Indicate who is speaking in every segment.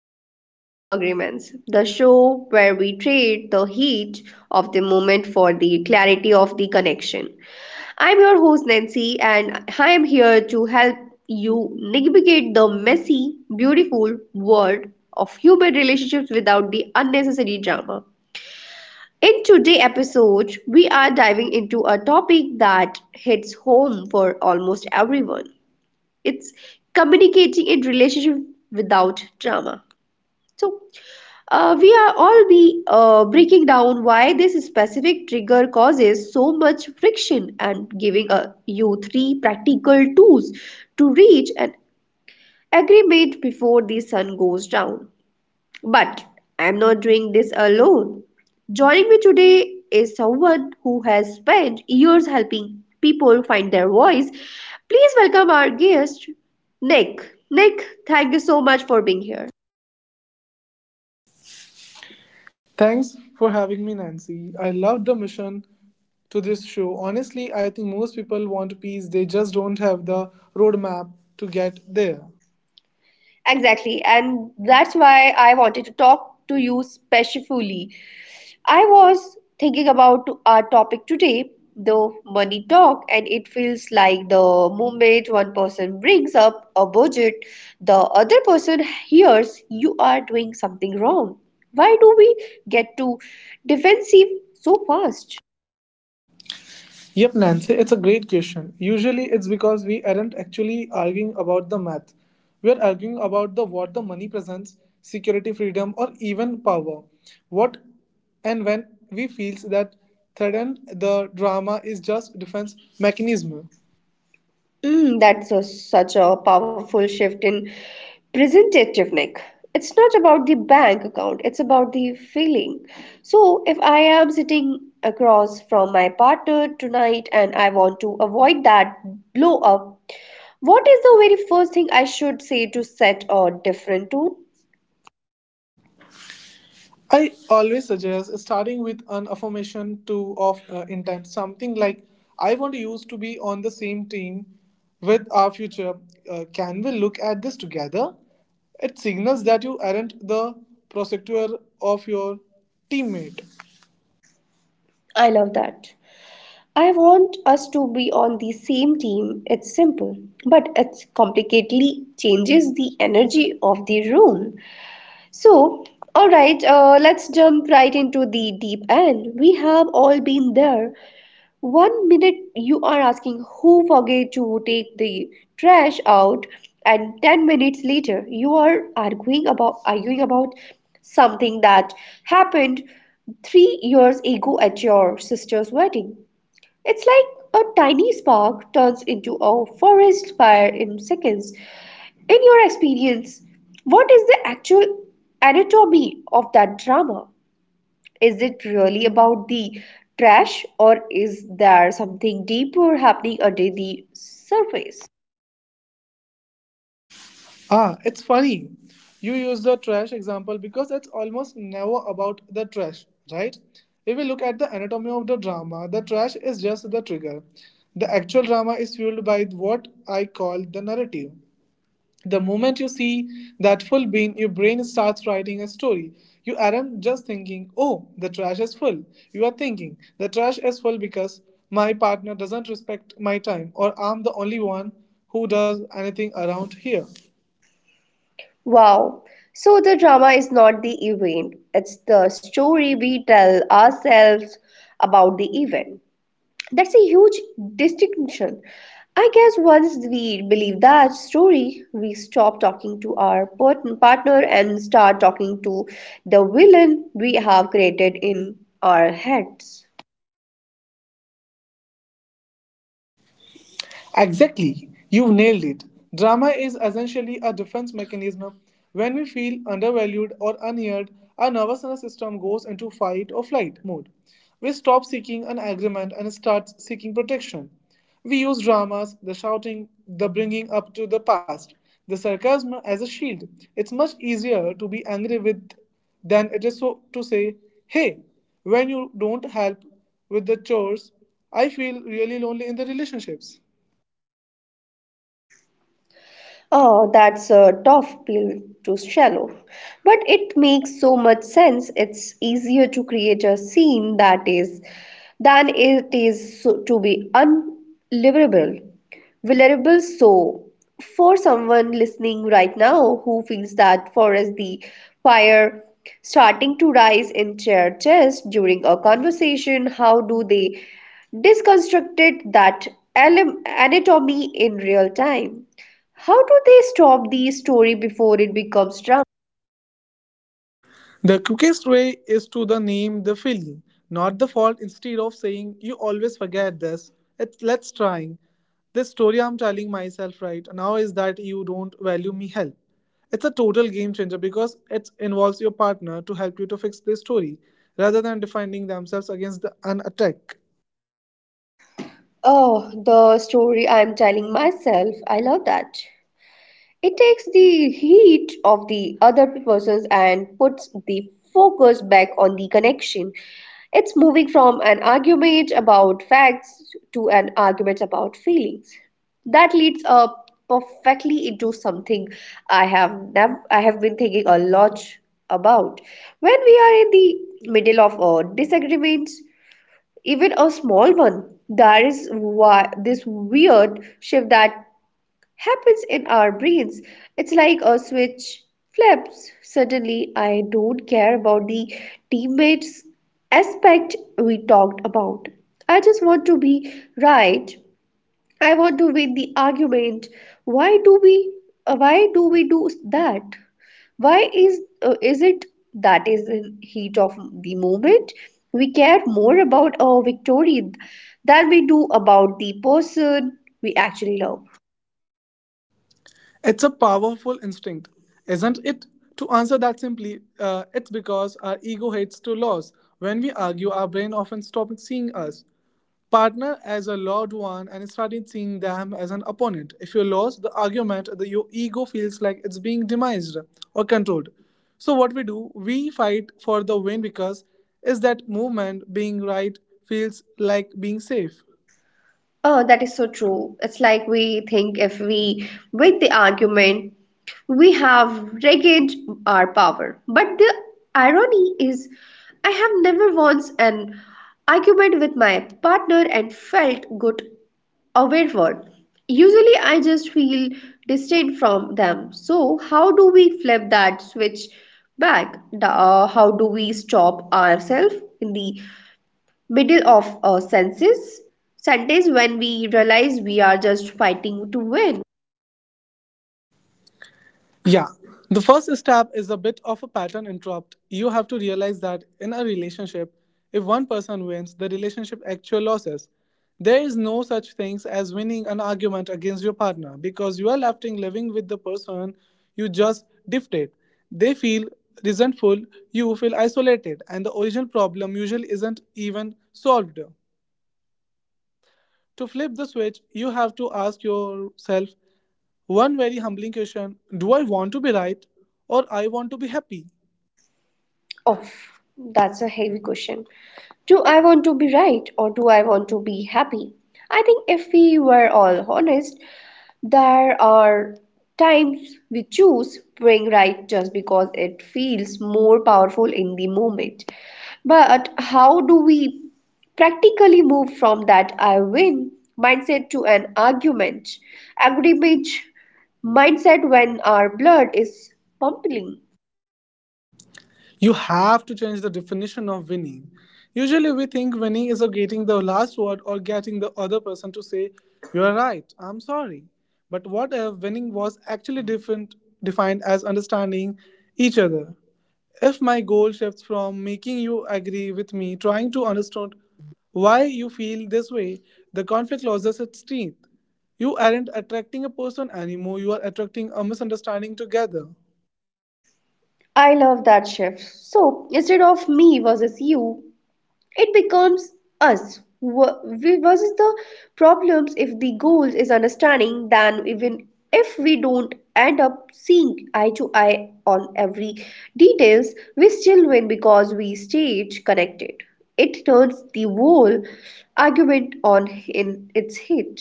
Speaker 1: Arguments to Agreements, the show where we trade the heat of the moment for the clarity of the connection. I'm your host Nancy, and I am here to help you navigate the messy, beautiful world of human relationships without the unnecessary drama. In today's episode, we are diving into a topic that hits home for almost everyone. It's communicating in relationship without drama. So we are all be breaking down why this specific trigger causes so much friction and giving you three practical tools to reach an agreement before the sun goes down. But I'm not doing this alone. Joining me today is someone who has spent years helping people find their voice. Please welcome our guest, Nick. Nick, thank you so much for being here.
Speaker 2: Thanks for having me, Nancy. I love the mission to this show. Honestly, I think most people want peace, they just don't have the roadmap to get there.
Speaker 1: Exactly, and that's why I wanted to talk to you specially. I was thinking about our topic today, the money talk, and it feels like the moment one person brings up a budget, the other person hears you are doing something wrong. Why do we get too defensive so fast?
Speaker 2: Yep, Nancy, it's a great question. Usually, it's because we aren't actually arguing about the math. We're arguing about the what the money presents, security, freedom, or even power. What and when we feels that threatened, the drama is just defense mechanism.
Speaker 1: That's a, such a powerful shift in presentative, Nick. It's not about the bank account, it's about the feeling. So, if I am sitting across from my partner tonight and I want to avoid that blow up, what is the very first thing I should say to set a different tone?
Speaker 2: I always suggest starting with an affirmation to of intent, something like "I want you to be on the same team with our future. Can we look at this together?" It signals that you aren't the prosecutor of your teammate.
Speaker 1: I love that. I want us to be on the same team. It's simple, but it complicatedly changes the energy of the room. So, all right, let's jump right into the deep end. We have all been there. One minute you are asking who forget to take the trash out, and 10 minutes later you are arguing about something that happened 3 years ago at your sister's wedding. It's like a tiny spark turns into a forest fire in seconds. In your experience, what is the actual anatomy of that drama? Is it really about the trash, or is there something deeper happening under the surface?
Speaker 2: Ah, it's funny. You use the trash example because it's almost never about the trash, right? If we look at the anatomy of the drama, the trash is just the trigger. The actual drama is fueled by what I call the narrative. The moment you see that full bin, your brain starts writing a story. You aren't just thinking, oh, the trash is full. You are thinking, the trash is full because my partner doesn't respect my time, or I'm the only one who does anything around here.
Speaker 1: Wow. So the drama is not the event, it's the story we tell ourselves about the event. That's a huge distinction. I guess once we believe that story, we stop talking to our partner and start talking to the villain we have created in our heads.
Speaker 2: Exactly. You've nailed it. Drama is essentially a defense mechanism. When we feel undervalued or unheard, our nervous system goes into fight or flight mode. We stop seeking an agreement and start seeking protection. We use dramas, the shouting, the bringing up to the past, the sarcasm as a shield. It's much easier to be angry with than it is so to say, hey, when you don't help with the chores, I feel really lonely in the relationships.
Speaker 1: Oh, that's a tough pill to swallow. But it makes so much sense. It's easier to create a scene that is than it is so- to be unlivable. Vulnerable. So, for someone listening right now who feels that for us the fire starting to rise in their chest during a conversation, how do they deconstruct it, that anatomy in real time? How do they stop the story before it becomes drama?
Speaker 2: The quickest way is to the name the feeling, not the fault. Instead of saying you always forget this, it, let's trying. This story I'm telling myself right now is that you don't value me help. It's a total game changer because it involves your partner to help you to fix this story rather than defending themselves against an attack.
Speaker 1: Oh, the story I'm telling myself. I love that. It takes the heat of the other process and puts the focus back on the connection. It's moving from an argument about facts to an argument about feelings. That leads up perfectly into something I have been thinking a lot about. When we are in the middle of a disagreement, even a small one, there is why this weird shift that happens in our brains. It's like a switch flips. Suddenly, I don't care about the teammates aspect we talked about. I just want to be right. I want to win the argument. Why do we why do we do that? Why is it that is in heat of the moment? We care more about our victory than we do about the person we actually love.
Speaker 2: It's a powerful instinct, isn't it? To answer that simply, it's because our ego hates to lose. When we argue, our brain often stops seeing us partner as a loved one and started seeing them as an opponent. If you lose the argument, your ego feels like it's being demised or controlled. So what we do, we fight for the win because is that movement being right feels like being safe.
Speaker 1: Oh, that is so true. It's like we think if we win the argument, we have regained our power. But the irony is, I have never once an argument with my partner and felt good afterward. Usually, I just feel distant from them. So, how do we flip that switch back? How do we stop ourselves in the middle of a senses sentence when we realize we are just fighting to win?
Speaker 2: Yeah. The first step is a bit of a pattern interrupt. You have to realize that in a relationship, if one person wins, the relationship actually loses. There is no such things as winning an argument against your partner because you are left in living with the person you just dictate. They feel resentful, you feel isolated, and the original problem usually isn't even solved. To flip the switch, you have to ask yourself one very humbling question. Do I want to be right or I want to be happy?
Speaker 1: Oh, that's a heavy question. Do I want to be right or do I want to be happy? I think if we were all honest, there are times we choose praying right just because it feels more powerful in the moment. But how do we practically move from that I win mindset to an argument, agreement mindset when our blood is pumping?
Speaker 2: You have to change the definition of winning. Usually, we think winning is of getting the last word or getting the other person to say, "You are right, I'm sorry." But what if winning was actually different, defined as understanding each other? If my goal shifts from making you agree with me, trying to understand why you feel this way, the conflict loses its teeth. You aren't attracting a person anymore, you are attracting a misunderstanding together.
Speaker 1: I love that shift. So instead of me versus you, it becomes us. We versus the problems. If the goal is understanding, then even if we don't end up seeing eye to eye on every details, we still win because we stayed connected. It turns the whole argument on in its head.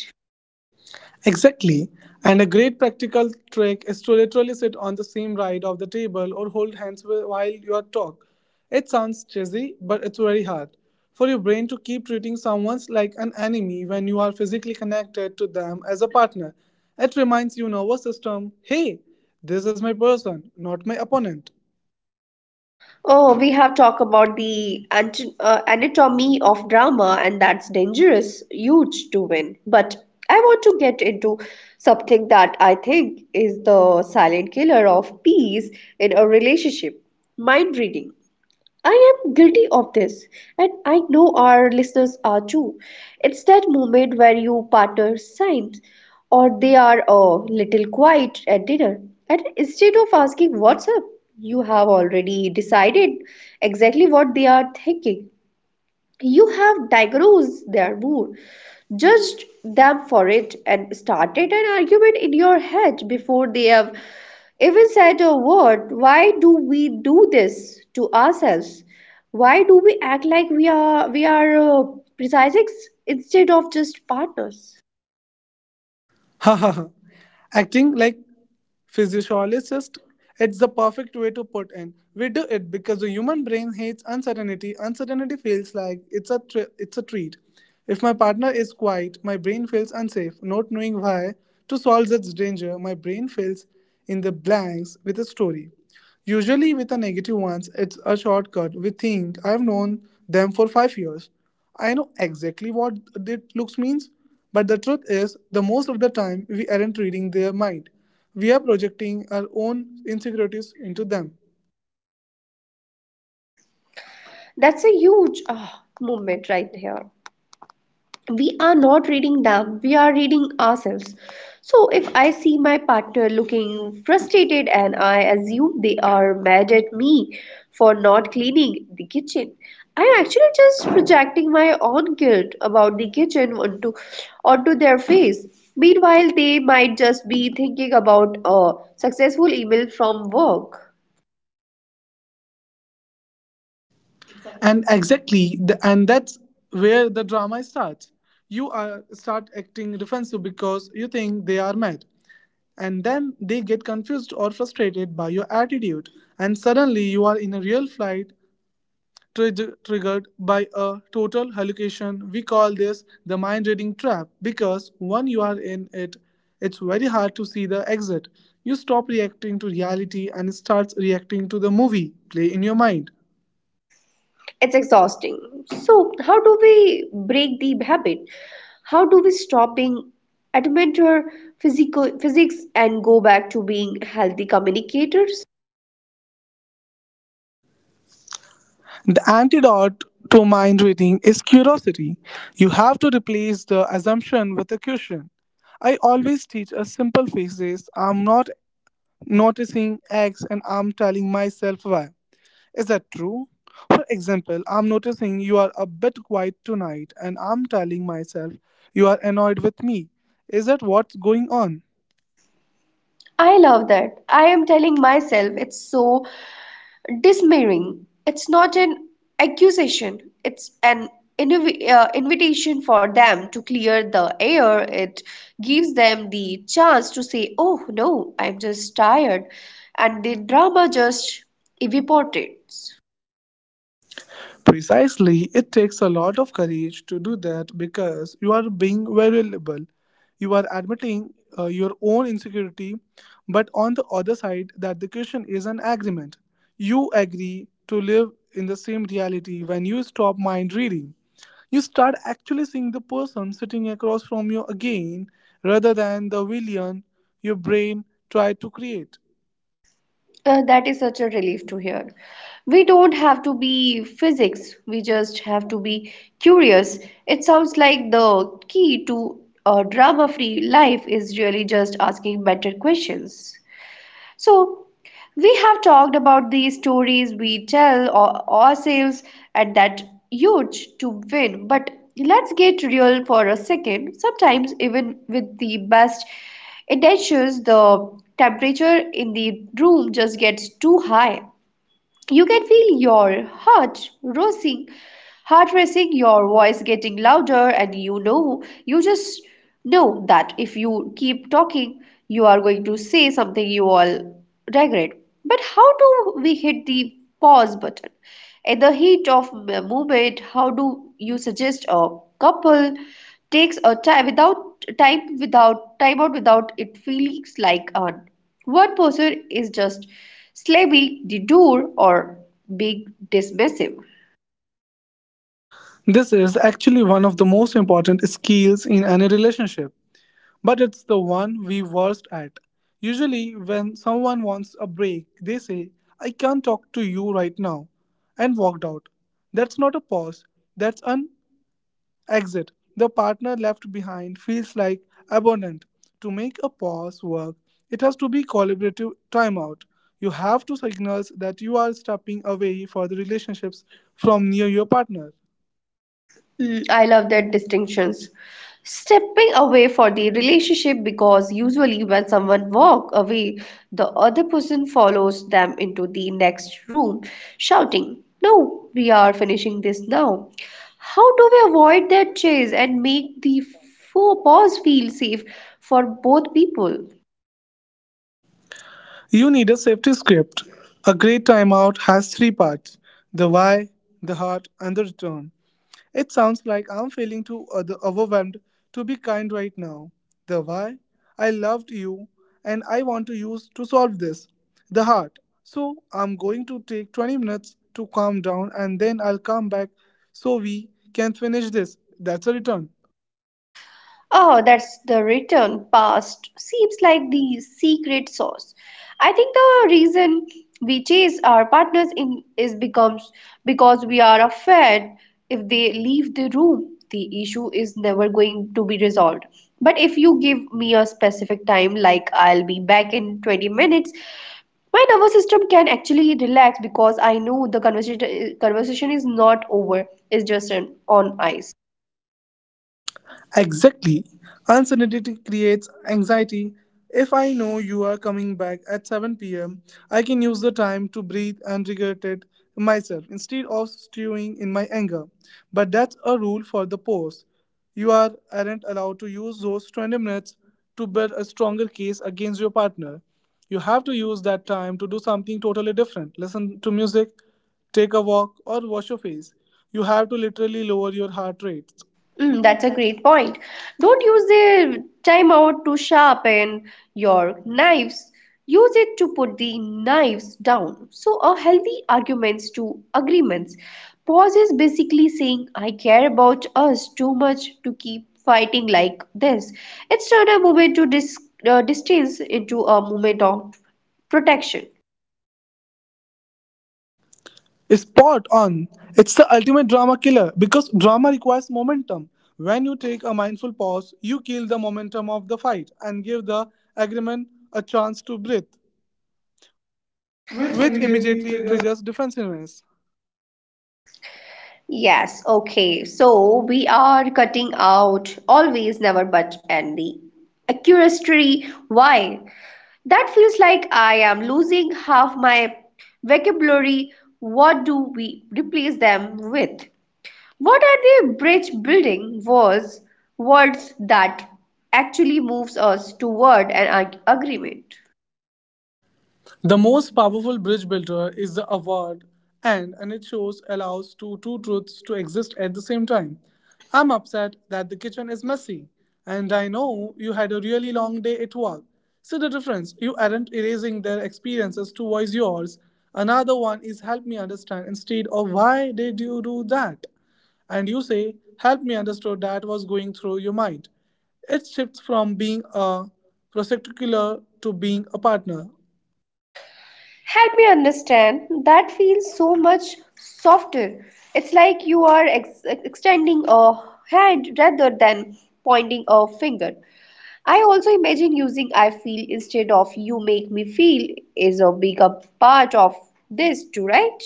Speaker 2: Exactly. And a great practical trick is to literally sit on the same side of the table or hold hands while you are talk. It sounds cheesy, but it's very hard for your brain to keep treating someone like an enemy when you are physically connected to them as a partner. It reminds your nervous system, hey, this is my person, not my opponent.
Speaker 1: Oh, we have talked about the anatomy of drama, and that's dangerous, huge to win. But I want to get into something that I think is the silent killer of peace in a relationship: mind reading. I am guilty of this, and I know our listeners are too. It's that moment where you partner signs, or they are a little quiet at dinner, and instead of asking what's up, you have already decided exactly what they are thinking. You have diagnosed their mood, judged them for it, and started an argument in your head before they have even said a word. Why do we do this to ourselves? Why do we act like we are precise instead of just partners?
Speaker 2: Ha ha ha! Acting like physiologist, it's the perfect way to put in. We do it because the human brain hates uncertainty. Uncertainty feels like it's a treat. If my partner is quiet, my brain feels unsafe, not knowing why. To solve this danger, my brain fills in the blanks with a story. Usually, with the negative ones, it's a shortcut. We think I've known them for 5 years. I know exactly what that looks means. But the truth is, the most of the time, we aren't reading their mind. We are projecting our own insecurities into them.
Speaker 1: That's a huge ah, movement right here. We are not reading them, we are reading ourselves. So if I see my partner looking frustrated and I assume they are mad at me for not cleaning the kitchen, I'm actually just projecting my own guilt about the kitchen onto their face. Meanwhile, they might just be thinking about a successful email from work.
Speaker 2: And exactly, and that's where the drama starts. You are start acting defensive because you think they are mad and then they get confused or frustrated by your attitude and suddenly you are in a real fight triggered by a total hallucination. We call this the mind reading trap because when you are in it, it's very hard to see the exit. You stop reacting to reality and starts reacting to the movie play in your mind.
Speaker 1: It's exhausting. So how do we break the habit? How do we stop being adamant or physical physics and go back to being healthy communicators?
Speaker 2: The antidote to mind reading is curiosity. You have to replace the assumption with a question. I always teach a simple phrase: I'm not noticing X and I'm telling myself Y. Is that true? For example, I'm noticing you are a bit quiet tonight, and I'm telling myself you are annoyed with me. Is that what's going on?
Speaker 1: I love that I am telling myself. It's so dismaying. It's not an accusation, it's an invitation for them to clear the air. It gives them the chance to say, "Oh no, I'm just tired." And the drama just evaporates.
Speaker 2: Precisely, it takes a lot of courage to do that because you are being vulnerable. You are admitting your own insecurity, but on the other side, that the question is an agreement. You agree to live in the same reality when you stop mind reading. You start actually seeing the person sitting across from you again rather than the villain your brain tried to create.
Speaker 1: That is such a relief to hear. We don't have to be physics, we just have to be curious. It sounds like the key to a drama free life is really just asking better questions. So, we have talked about the stories we tell ourselves at that huge to win, but let's get real for a second. Sometimes, even with the best intentions, the temperature in the room just gets too high. You can feel your heart racing, your voice getting louder, and you know, you just know that if you keep talking, you are going to say something you all regret. But how do we hit the pause button? In the heat of the moment, how do you suggest a couple? Takes a type without type without type out without it feels like a word processor is just slabby, detour, or big dismissive.
Speaker 2: This is actually one of the most important skills in any relationship, but it's the one we worst at. Usually, when someone wants a break, they say, "I can't talk to you right now," and walked out. That's not a pause, that's an exit. The partner left behind feels like abandoned. To make a pause work, it has to be collaborative timeout. You have to signals that you are stepping away for the relationships from near your partner.
Speaker 1: I love that distinctions. Stepping away for the relationship, because usually when someone walk away, the other person follows them into the next room, shouting, "No, we are finishing this now." How do we avoid that chase and make the faux pause feel safe for both people?
Speaker 2: You need a safety script. A great timeout has three parts: the why, the heart, and the return. It sounds like I'm feeling too overwhelmed to be kind right now. The why? I loved you and I want to use to solve this. The heart. So I'm going to take 20 minutes to calm down and then I'll come back so we can finish this. That's a return.
Speaker 1: Oh, that's the return past. Seems like the secret sauce. I think the reason we chase our partners in is becomes because we are afraid if they leave the room, the issue is never going to be resolved. But if you give me a specific time, like I'll be back in 20 minutes, my nervous system can actually relax because I know the conversation is not over. It's just an on ice.
Speaker 2: Exactly. Uncertainty creates anxiety. If I know you are coming back at 7 p.m., I can use the time to breathe and regret it myself instead of stewing in my anger. But that's a rule for the post. You are, aren't allowed to use those 20 minutes to build a stronger case against your partner. You have to use that time to do something totally different. Listen to music, take a walk, or wash your face. You have to literally lower your heart rate.
Speaker 1: That's a great point. Don't use the timeout to sharpen your knives. Use it to put the knives down. So, a healthy arguments to agreements. Pause is basically saying, I care about us too much to keep fighting like this. It's turned a moment to distance into a moment of protection.
Speaker 2: Spot on. It's the ultimate drama killer because drama requires momentum. When you take a mindful pause, you kill the momentum of the fight and give the agreement a chance to breathe, which immediately triggers defensiveness.
Speaker 1: Yes, okay. So we are cutting out always, never, but, and the accuracy. Why? That feels like I am losing half my vocabulary. What do we replace them with? What are the bridge building words, words that actually moves us toward an agreement?
Speaker 2: The most powerful bridge builder is the award, and it shows allows two truths to exist at the same time. I'm upset that the kitchen is messy, and I know you had a really long day at work. See the difference? You aren't erasing their experiences to voice yours. Another one is help me understand instead of why did you do that? And you say, help me understand that was going through your mind. It shifts from being a prosecutor to being a partner.
Speaker 1: Help me understand. That feels so much softer. It's like you are extending a hand rather than pointing a finger. I also imagine using I feel instead of you make me feel is a bigger part of this too, right?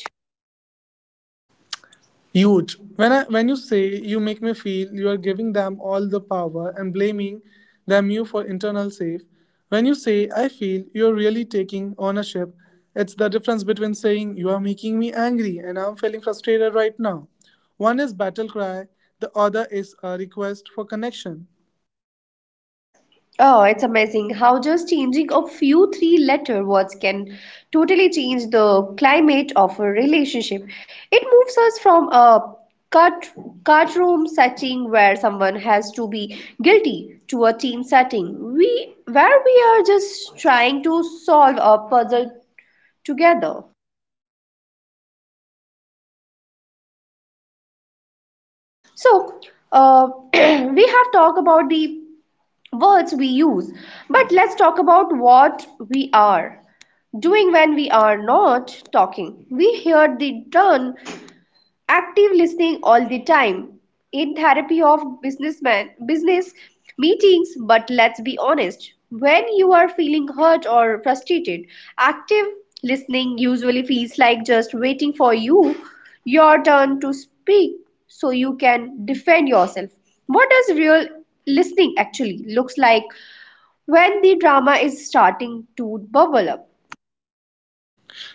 Speaker 2: Huge. When you say you make me feel you are giving them all the power and blaming them you for internal safe. When you say I feel you're really taking ownership, it's the difference between saying you are making me angry and I'm feeling frustrated right now. One is battle cry, the other is a request for connection.
Speaker 1: Oh, it's amazing how just changing a few three letter words can totally change the climate of a relationship. It moves us from a cut courtroom setting where someone has to be guilty to a team setting we where we are just trying to solve a puzzle together. So, uh, we have talked about the words we use. But let's talk about what we are doing when we are not talking. We hear the term active listening all the time in therapy of business meetings. But let's be honest, when you are feeling hurt or frustrated, active listening usually feels like just waiting for your turn to speak so you can defend yourself. What does real listening actually looks like when the drama is starting to bubble up.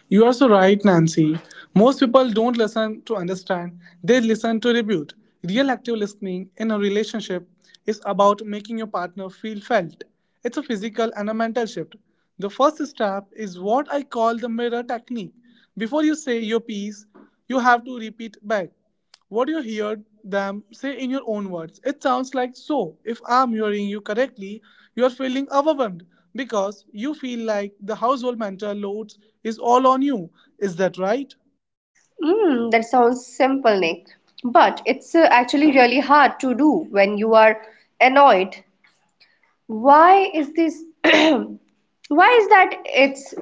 Speaker 2: You are so right, Nancy. Most people don't listen to understand, they listen to rebut. Real active listening in a relationship is about making your partner feel felt. It's a physical and a mental shift. The first step is what I call the mirror technique. Before you say your piece, you have to repeat back. What you heard them say in your own words. It sounds like so. If I'm hearing you correctly, you are feeling overwhelmed because you feel like the household mental load is all on you. Is that right?
Speaker 1: Mm, that sounds simple, Nick, but it's actually really hard to do when you are annoyed. Why is this? why is that? It's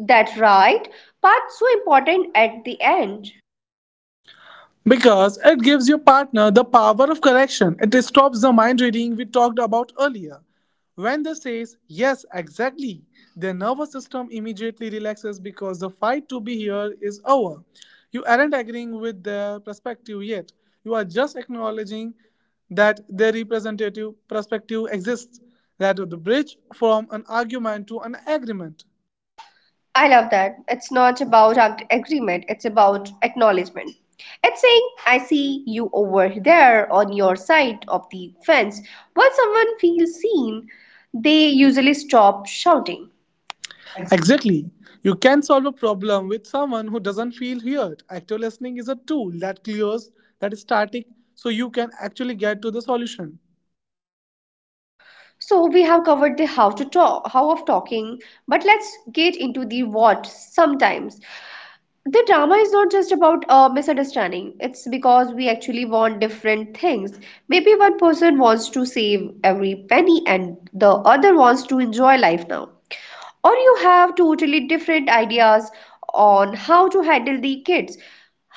Speaker 1: that right part so important at the end.
Speaker 2: Because it gives your partner the power of correction. It stops the mind reading we talked about earlier. When they says yes, exactly, their nervous system immediately relaxes because the fight to be here is over. You aren't agreeing with their perspective yet. You are just acknowledging that their representative perspective exists, that the bridge from an argument to an agreement.
Speaker 1: I love that. It's not about agreement, it's about acknowledgement. It's saying, I see you over there on your side of the fence. Once someone feels seen, they usually stop shouting.
Speaker 2: Exactly. You can solve a problem with someone who doesn't feel heard. Active listening is a tool that clears that is static so you can actually get to the solution.
Speaker 1: So we have covered the how of talking, but let's get into the what sometimes. The drama is not just about misunderstanding, it's because we actually want different things. Maybe one person wants to save every penny and the other wants to enjoy life now, or you have totally different ideas on how to handle the kids.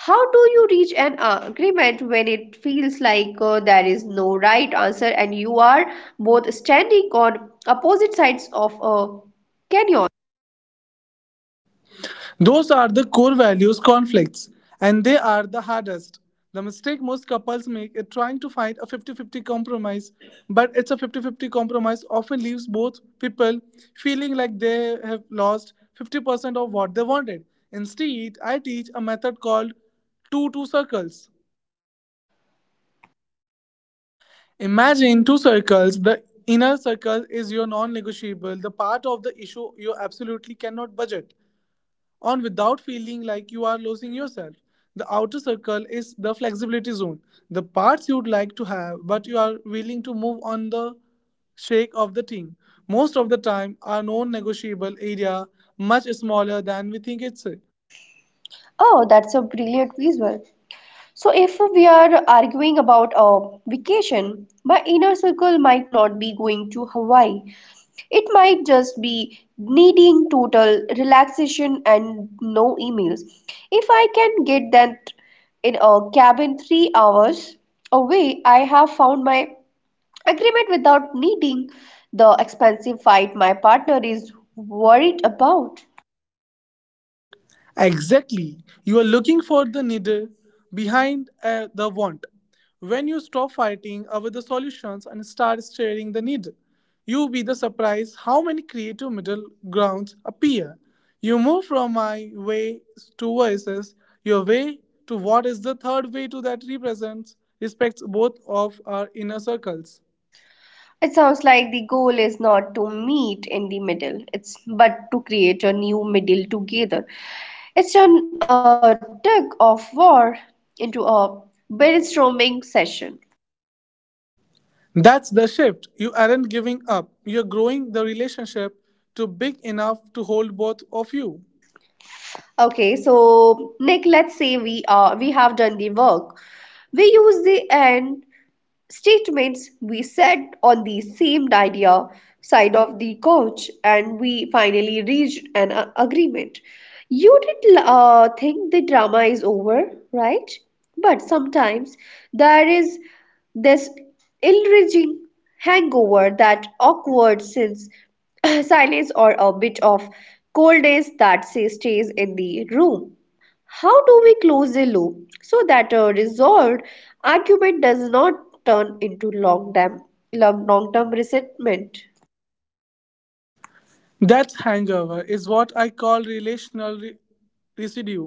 Speaker 1: How do you reach an agreement when it feels like there is no right answer and you are both standing on opposite sides of a canyon?
Speaker 2: Those are the core values conflicts and they are the hardest. The mistake most couples make is trying to find a 50-50 compromise, but it's a 50-50 compromise often leaves both people feeling like they have lost 50% of what they wanted. Instead, I teach a method called two circles. Imagine two circles. The inner circle is your non negotiable, the part of the issue you absolutely cannot budget on without feeling like you are losing yourself. The outer circle is the flexibility zone, the parts you'd like to have but you are willing to move on the shake of the team. Most of the time, our non negotiable area much smaller than we think it's.
Speaker 1: Oh, that's a brilliant visual. So, if we are arguing about a vacation, my inner circle might not be going to Hawaii. It might just be needing total relaxation and no emails. If I can get that in a cabin 3 hours away, I have found my agreement without needing the expensive fight my partner is worried about.
Speaker 2: Exactly. You are looking for the needle behind the want. When you stop fighting over the solutions and start staring the needle, you'll be the surprise how many creative middle grounds appear. You move from my way to versus your way to what is the third way to that represents respects both of our inner circles.
Speaker 1: It sounds like the goal is not to meet in the middle, it's but to create a new middle together. It's an tug of war into a brainstorming session.
Speaker 2: That's the shift. You aren't giving up. You're growing the relationship to big enough to hold both of you.
Speaker 1: Okay, so Nick, let's say we have done the work. We use the end statements, we sat on the same idea side of the couch and we finally reached an agreement. You did think the drama is over, right? But sometimes there is this ill enraging hangover, that awkward since silence or a bit of coldness that say stays in the room. How do we close the loop so that a resolved argument does not turn into long term resentment?
Speaker 2: That hangover is what I call residue.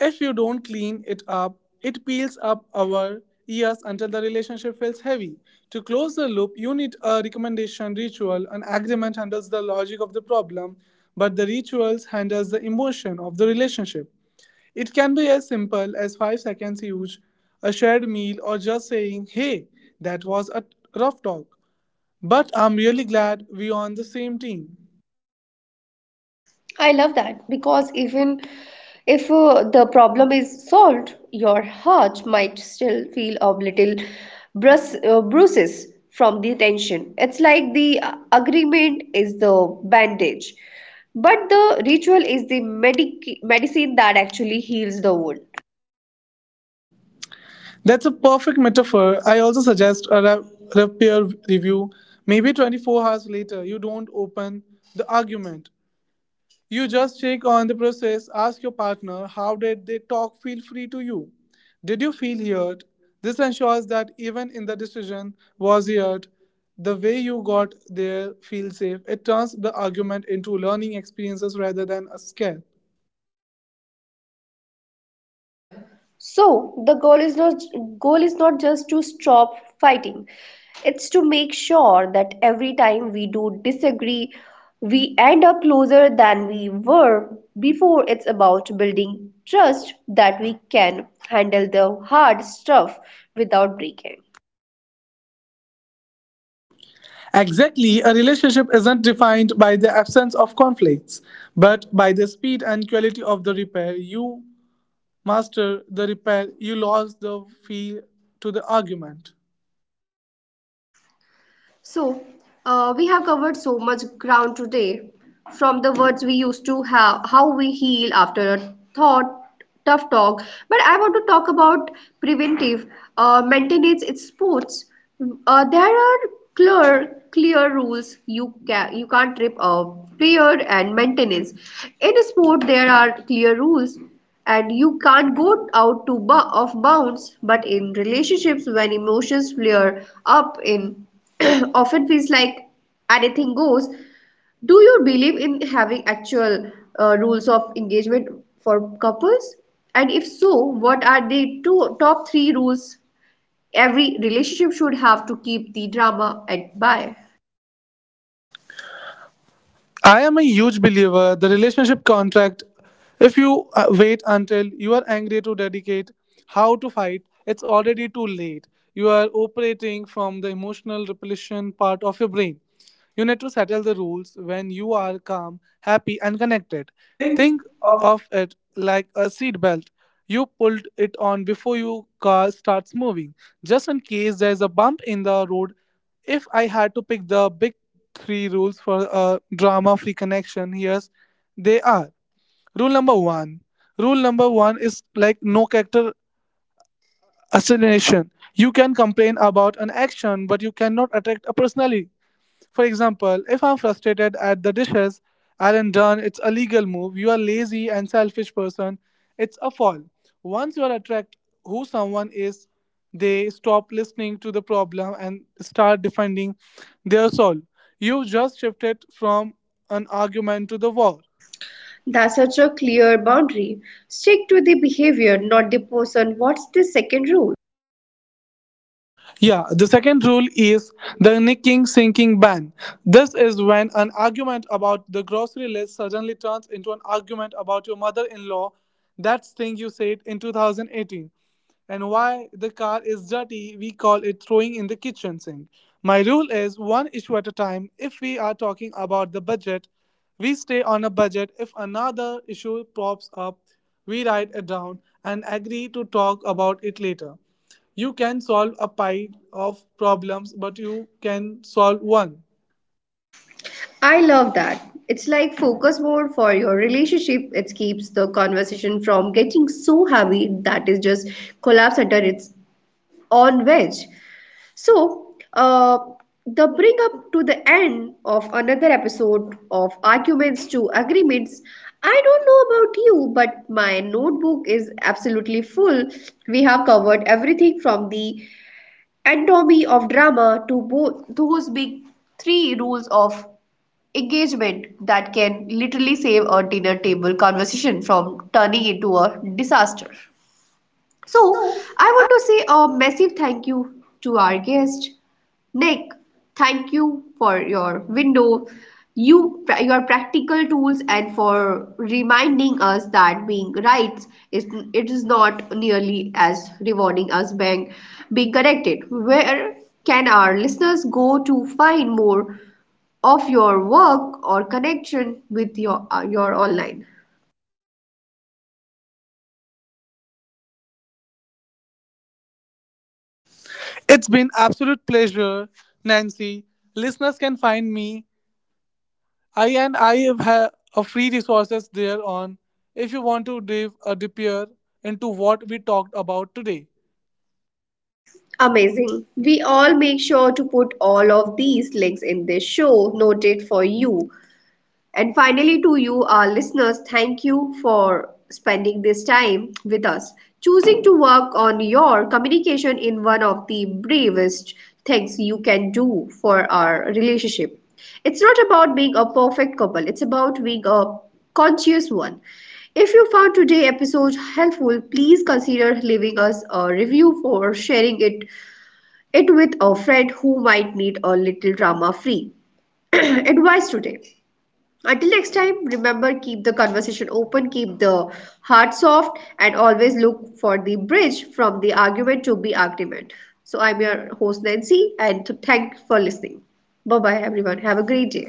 Speaker 2: If you don't clean it up, it peels up our ears until the relationship feels heavy. To close the loop, you need a recommendation ritual. An agreement handles the logic of the problem, but the rituals handles the emotion of the relationship. It can be as simple as 5 seconds each, a shared meal, or just saying, hey, that was a rough talk. But I'm really glad we're on the same team.
Speaker 1: I love that because even if the problem is solved, your heart might still feel a little bruises from the tension. It's like the agreement is the bandage, but the ritual is the medicine that actually heals the wound.
Speaker 2: That's a perfect metaphor. I also suggest a peer review. Maybe 24 hours later, you don't open the argument. You just check on the process, ask your partner, how did they talk feel free to you? Did you feel heard? This ensures that even in the decision was heard, the way you got there feel safe. It turns the argument into learning experiences rather than a scare.
Speaker 1: So the goal is not just to stop fighting. It's to make sure that every time we do disagree, we end up closer than we were before. It's about building trust that we can handle the hard stuff without breaking.
Speaker 2: Exactly, a relationship isn't defined by the absence of conflicts, but by the speed and quality of the repair. You master the repair, you lost the feel to the argument.
Speaker 1: So, we have covered so much ground today, from the words we used to have, how we heal after a tough talk. But I want to talk about preventive maintenance in sports. There are clear rules. You can't trip a player and maintenance. In a sport, there are clear rules and you can't go out to off bounds. But in relationships, when emotions flare up in often feels like anything goes. Do you believe in having actual rules of engagement for couples? And if so, what are the two top three rules every relationship should have to keep the drama at bay?
Speaker 2: I am a huge believer the relationship contract, if you wait until you are angry to dedicate how to fight, it's already too late. You are operating from the emotional repletion part of your brain. You need to settle the rules when you are calm, happy, and connected.
Speaker 1: Think.
Speaker 2: Think of it like a seat belt. You pulled it on before your car starts moving, just in case there is a bump in the road. If I had to pick the big three rules for a drama free connection, here's they are. Rule number one. Rule number one is like no character assassination. You can complain about an action, but you cannot attack a personality. For example, if I'm frustrated at the dishes aren't done, it's a legal move. You are lazy and selfish person. It's a fall. Once you are attract who someone is, they stop listening to the problem and start defending their soul. You just shifted from an argument to the war.
Speaker 1: That's such a clear boundary. Stick to the behavior, not the person. What's the second rule?
Speaker 2: Yeah, the second rule is the nicking sinking ban. This is when an argument about the grocery list suddenly turns into an argument about your mother in law, that thing you said in 2018, and why the car is dirty. We call it throwing in the kitchen sink. My rule is one issue at a time. If we are talking about the budget, we stay on a budget. If another issue pops up, we write it down and agree to talk about it later. You can solve a pile of problems, but you can solve one.
Speaker 1: I love that. It's like focus mode for your relationship. It keeps the conversation from getting so heavy that it just collapse under its own wedge. So, uh, the bring up to the end of another episode of arguments to agreements. I don't know about you, but my notebook is absolutely full. We have covered everything from the anatomy of drama to both those big three rules of engagement that can literally save a dinner table conversation from turning into a disaster. So,
Speaker 2: So
Speaker 1: I want to say a massive thank you to our guest, Nick. Thank you for your window, your practical tools, and for reminding us that being right is it is not nearly as rewarding as being connected. Where can our listeners go to find more of your work or connection with your online.
Speaker 2: it's been absolute pleasure, Nancy. Listeners can find me. I have a free resources there on if you want to dive a deeper into what we talked about today.
Speaker 1: Amazing, we all make sure to put all of these links in this show noted for you. And finally, to you, our listeners, thank you for spending this time with us. Choosing to work on your communication in one of the bravest things you can do for our relationship. It's not about being a perfect couple, it's about being a conscious one. If you found today's episode helpful, please consider leaving us a review for sharing it with a friend who might need a little drama free advice today. Until next time, remember, keep the conversation open, keep the heart soft, and always look for the bridge from the argument to be argument. So, I'm your host Nancy, and thank for listening. Bye bye, everyone. Have a great day.